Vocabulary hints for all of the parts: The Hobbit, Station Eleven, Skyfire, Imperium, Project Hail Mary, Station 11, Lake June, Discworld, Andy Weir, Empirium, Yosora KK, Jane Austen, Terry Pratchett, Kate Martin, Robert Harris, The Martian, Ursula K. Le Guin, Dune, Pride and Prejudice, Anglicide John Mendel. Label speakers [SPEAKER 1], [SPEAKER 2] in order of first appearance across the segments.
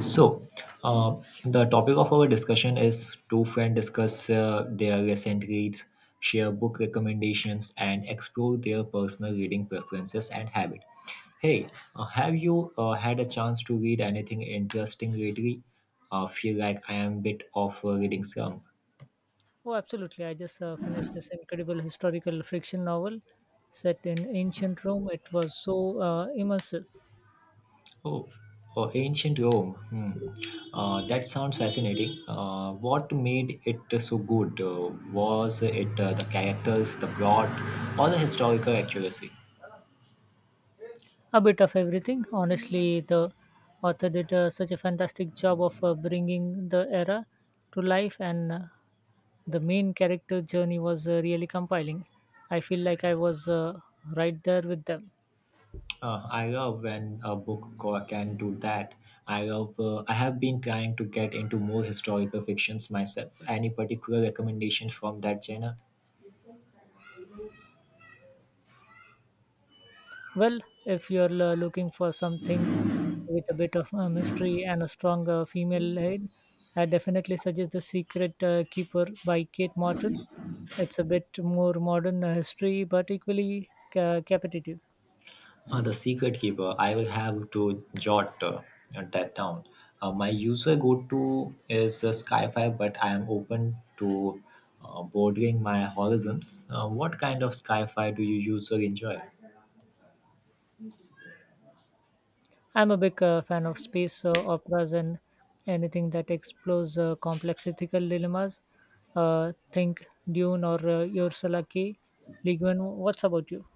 [SPEAKER 1] So, the topic of our discussion is two friends discuss their recent reads, share book recommendations, and explore their personal reading preferences and habit. Hey, have you had a chance to read anything interesting lately? I feel like I am bit of a reading slump.
[SPEAKER 2] Oh, absolutely. I just finished this incredible historical fiction novel set in ancient Rome. It was so immersive.
[SPEAKER 1] Oh, oh, ancient Rome. Hmm. That sounds fascinating. What made it so good? Was it the characters, the plot, or the historical accuracy?
[SPEAKER 2] A bit of everything. Honestly, the author did such a fantastic job of bringing the era to life, and the main character journey was really compelling. I feel like I was right there with them.
[SPEAKER 1] I love when a book can do that. I love. I have been trying to get into more historical fictions myself. Any particular recommendations from that genre?
[SPEAKER 2] Well, if you're looking for something with a bit of mystery and a strong female lead, I definitely suggest The Secret Keeper by Kate Martin. It's a bit more modern history, but equally captivating.
[SPEAKER 1] The secret keeper, I will have to jot that down. My user go to is Skyfire, but I am open to broadening my horizons. What kind of Skyfire do you usually enjoy?
[SPEAKER 2] I'm a big fan of space operas and anything that explores complex ethical dilemmas. Think Dune or Ursula K. Le Guin. What's about you?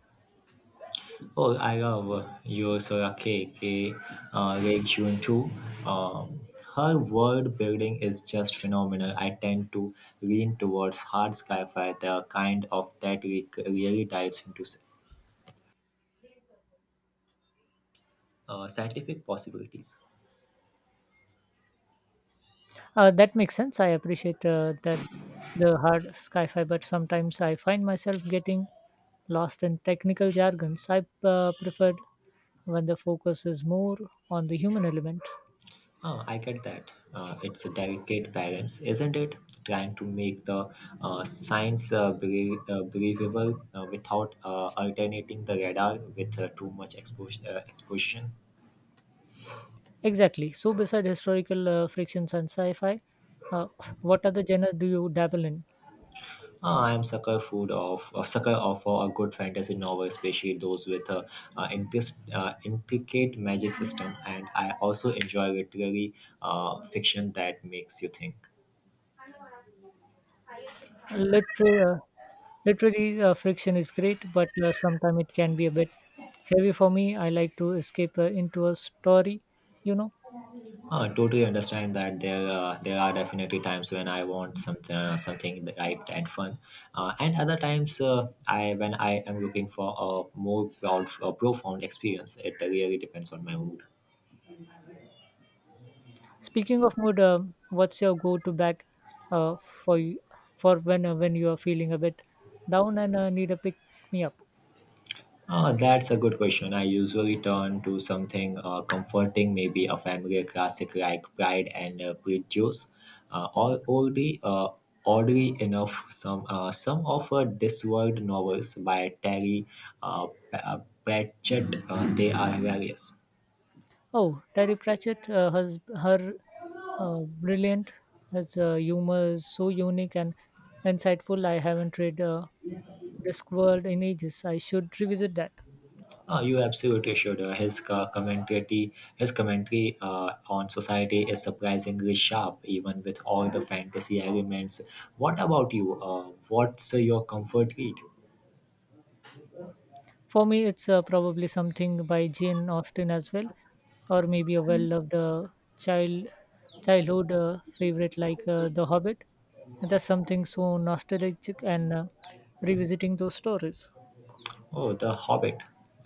[SPEAKER 1] Oh, I love Yosora KK, Lake June too. Um, Her world building is just phenomenal. I tend to lean towards hard sci-fi, the kind of that really dives into scientific possibilities.
[SPEAKER 2] That makes sense. I appreciate that the hard sci-fi, but sometimes I find myself getting lost in technical jargons. I preferred when the focus is more on the human element.
[SPEAKER 1] I get that. It's a delicate balance, isn't it? Trying to make the science believable without alternating the radar with too much exposition.
[SPEAKER 2] Exactly. So, beside historical frictions and sci-fi, uh, what other genre do you dabble in?
[SPEAKER 1] I am sucker of a good fantasy novel, especially those with a intricate magic system. And I also enjoy literary fiction that makes you think.
[SPEAKER 2] Literary, friction is great, but sometimes it can be a bit heavy for me. I like to escape uh, into a story, you know.
[SPEAKER 1] Totally understand that there are definitely times when I want something light and fun, and other times I when I am looking for a more proud, a profound experience. It really depends on my mood.
[SPEAKER 2] Speaking of mood, what's your go-to bag, uh, for you, for when when you are feeling a bit down and need a pick me up?
[SPEAKER 1] Ah, that's a good question. I usually turn to something comforting, maybe a familiar classic like Pride and Prejudice, or oddly enough, some of Discworld novels by Terry uh, P- uh, Pratchett. They are hilarious.
[SPEAKER 2] Oh, Terry Pratchett, has her uh, brilliant, his humor is so unique and insightful. I haven't read Discworld in ages. I should revisit that.
[SPEAKER 1] You absolutely should. His commentary on society is surprisingly sharp, even with all the fantasy elements. What about you? What's your comfort read?
[SPEAKER 2] For me, it's probably something by Jane Austen as well, or maybe a well-loved child childhood favorite like The Hobbit. And that's something so nostalgic and revisiting those stories.
[SPEAKER 1] Oh, The Hobbit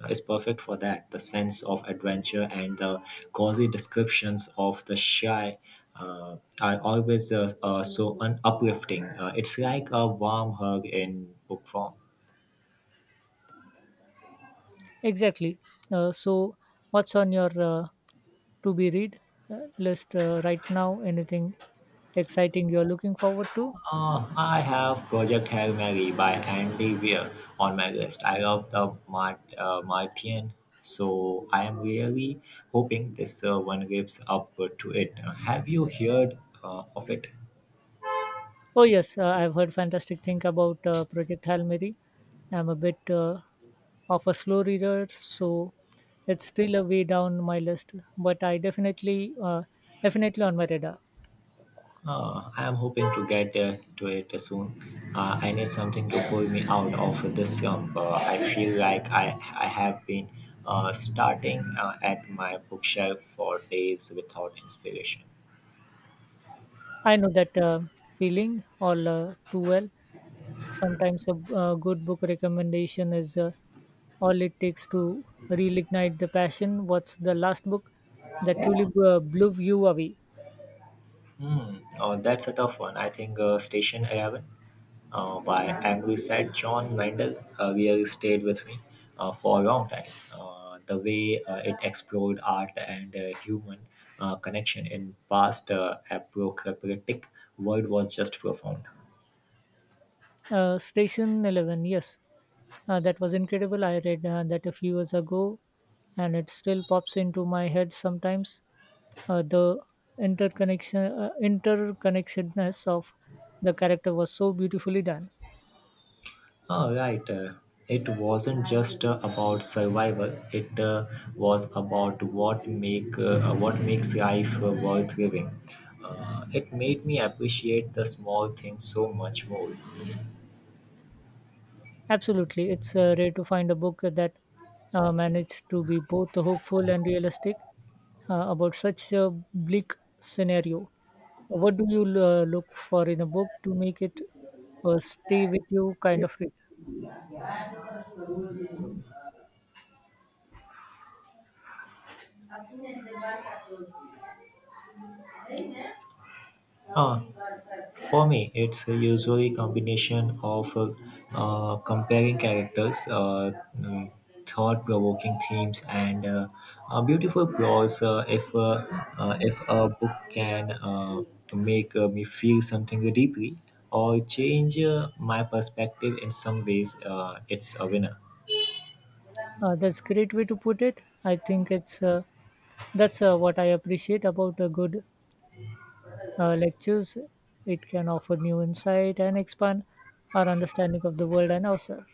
[SPEAKER 1] is perfect for that. The sense of adventure and the cozy descriptions of the shy are always uplifting. It's like a warm hug in book form.
[SPEAKER 2] Exactly. So, what's on your to be read list right now? Anything exciting you're looking forward to?
[SPEAKER 1] I have Project Hail Mary by Andy Weir on my list. I love the Martian, so I am really hoping this one lives up to it. Have you heard of it?
[SPEAKER 2] Oh yes, I've heard fantastic thing about Project Hail Mary. I'm a bit of a slow reader, so it's still a way down my list. But I definitely on my radar.
[SPEAKER 1] I am hoping to get to it soon. I need something to pull me out of this slump. I feel like I have been starting at my bookshelf for days without inspiration.
[SPEAKER 2] I know that feeling all too well. Sometimes a good book recommendation is all it takes to reignite the passion. What's the last book that truly blew you away?
[SPEAKER 1] Hmm. Oh, that's a tough one. I think Station 11. By Anglicide John Mendel really stayed with me for a long time. The way it explored art and human connection in past apocalyptic world was just profound.
[SPEAKER 2] Station 11. Yes, that was incredible. I read that a few years ago, and it still pops into my head sometimes. Uh, the interconnectedness of the character was so beautifully done.
[SPEAKER 1] Oh, right. It wasn't just about survival. It was about what makes life worth living. It made me appreciate the small things so much more.
[SPEAKER 2] Absolutely, it's rare to find a book that managed to be both hopeful and realistic about such a bleak scenario. What do you look for in a book to make it stay with you kind of read?
[SPEAKER 1] Uh, for me, it's usually combination of comparing characters, mm, thought-provoking themes, and beautiful prose. If a book can make me feel something deeply or change my perspective in some ways, it's a winner.
[SPEAKER 2] That's great way to put it. I think it's that's what I appreciate about good lectures. It can offer new insight and expand our understanding of the world and ourselves.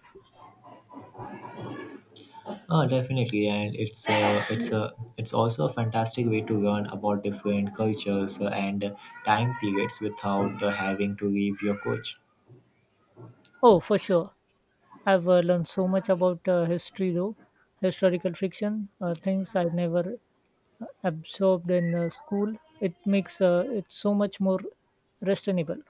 [SPEAKER 1] Oh, definitely, and it's also a fantastic way to learn about different cultures and time periods without having to leave your coach.
[SPEAKER 2] Oh, for sure. I've learned so much about history, though historical fiction, things I've never absorbed in school. It makes it so much more reasonable.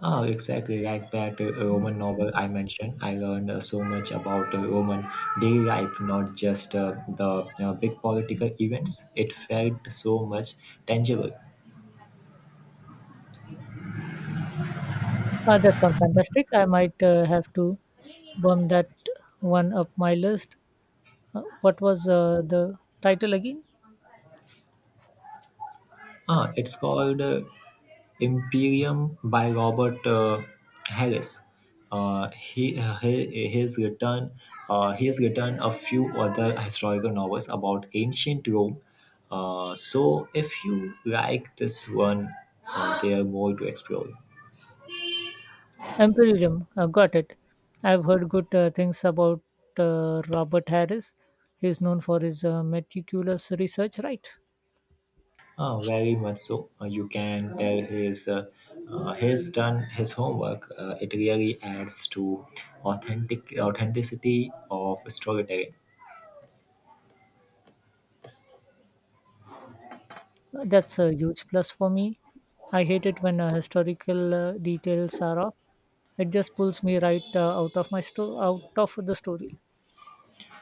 [SPEAKER 1] Oh, exactly like that Roman novel I mentioned. I learned so much about Roman daily life, not just the big political events. It felt so much tangible.
[SPEAKER 2] That sounds fantastic. I might have to bump that one up my list. What was the title again?
[SPEAKER 1] Ah, it's called Imperium by Robert Harris. Uh, he, he has written he has written a few other historical novels about ancient Rome. So if you like this one, there are more to explore.
[SPEAKER 2] Empirium. Got it. I've heard good things about Robert Harris. He's known for his meticulous research, right?
[SPEAKER 1] Very much so. You can tell he's done his homework. It really adds to authenticity of storytelling.
[SPEAKER 2] That's a huge plus for me. I hate it when historical details are off. It just pulls me right out of my out of the story.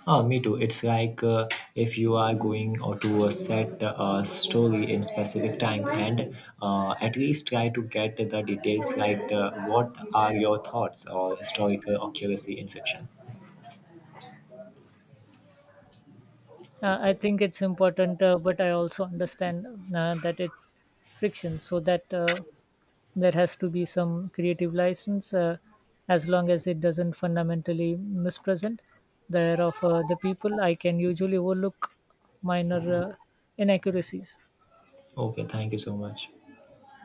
[SPEAKER 1] Ah, me too. It's like if you are going or to a set story in specific time and at least try to get the details right. What are your thoughts or historical accuracy in fiction?
[SPEAKER 2] I think it's important, but I also understand that it's friction, so that there has to be some creative license as long as it doesn't fundamentally mispresent the error of the people I can usually overlook minor inaccuracies
[SPEAKER 1] Okay, thank you so much.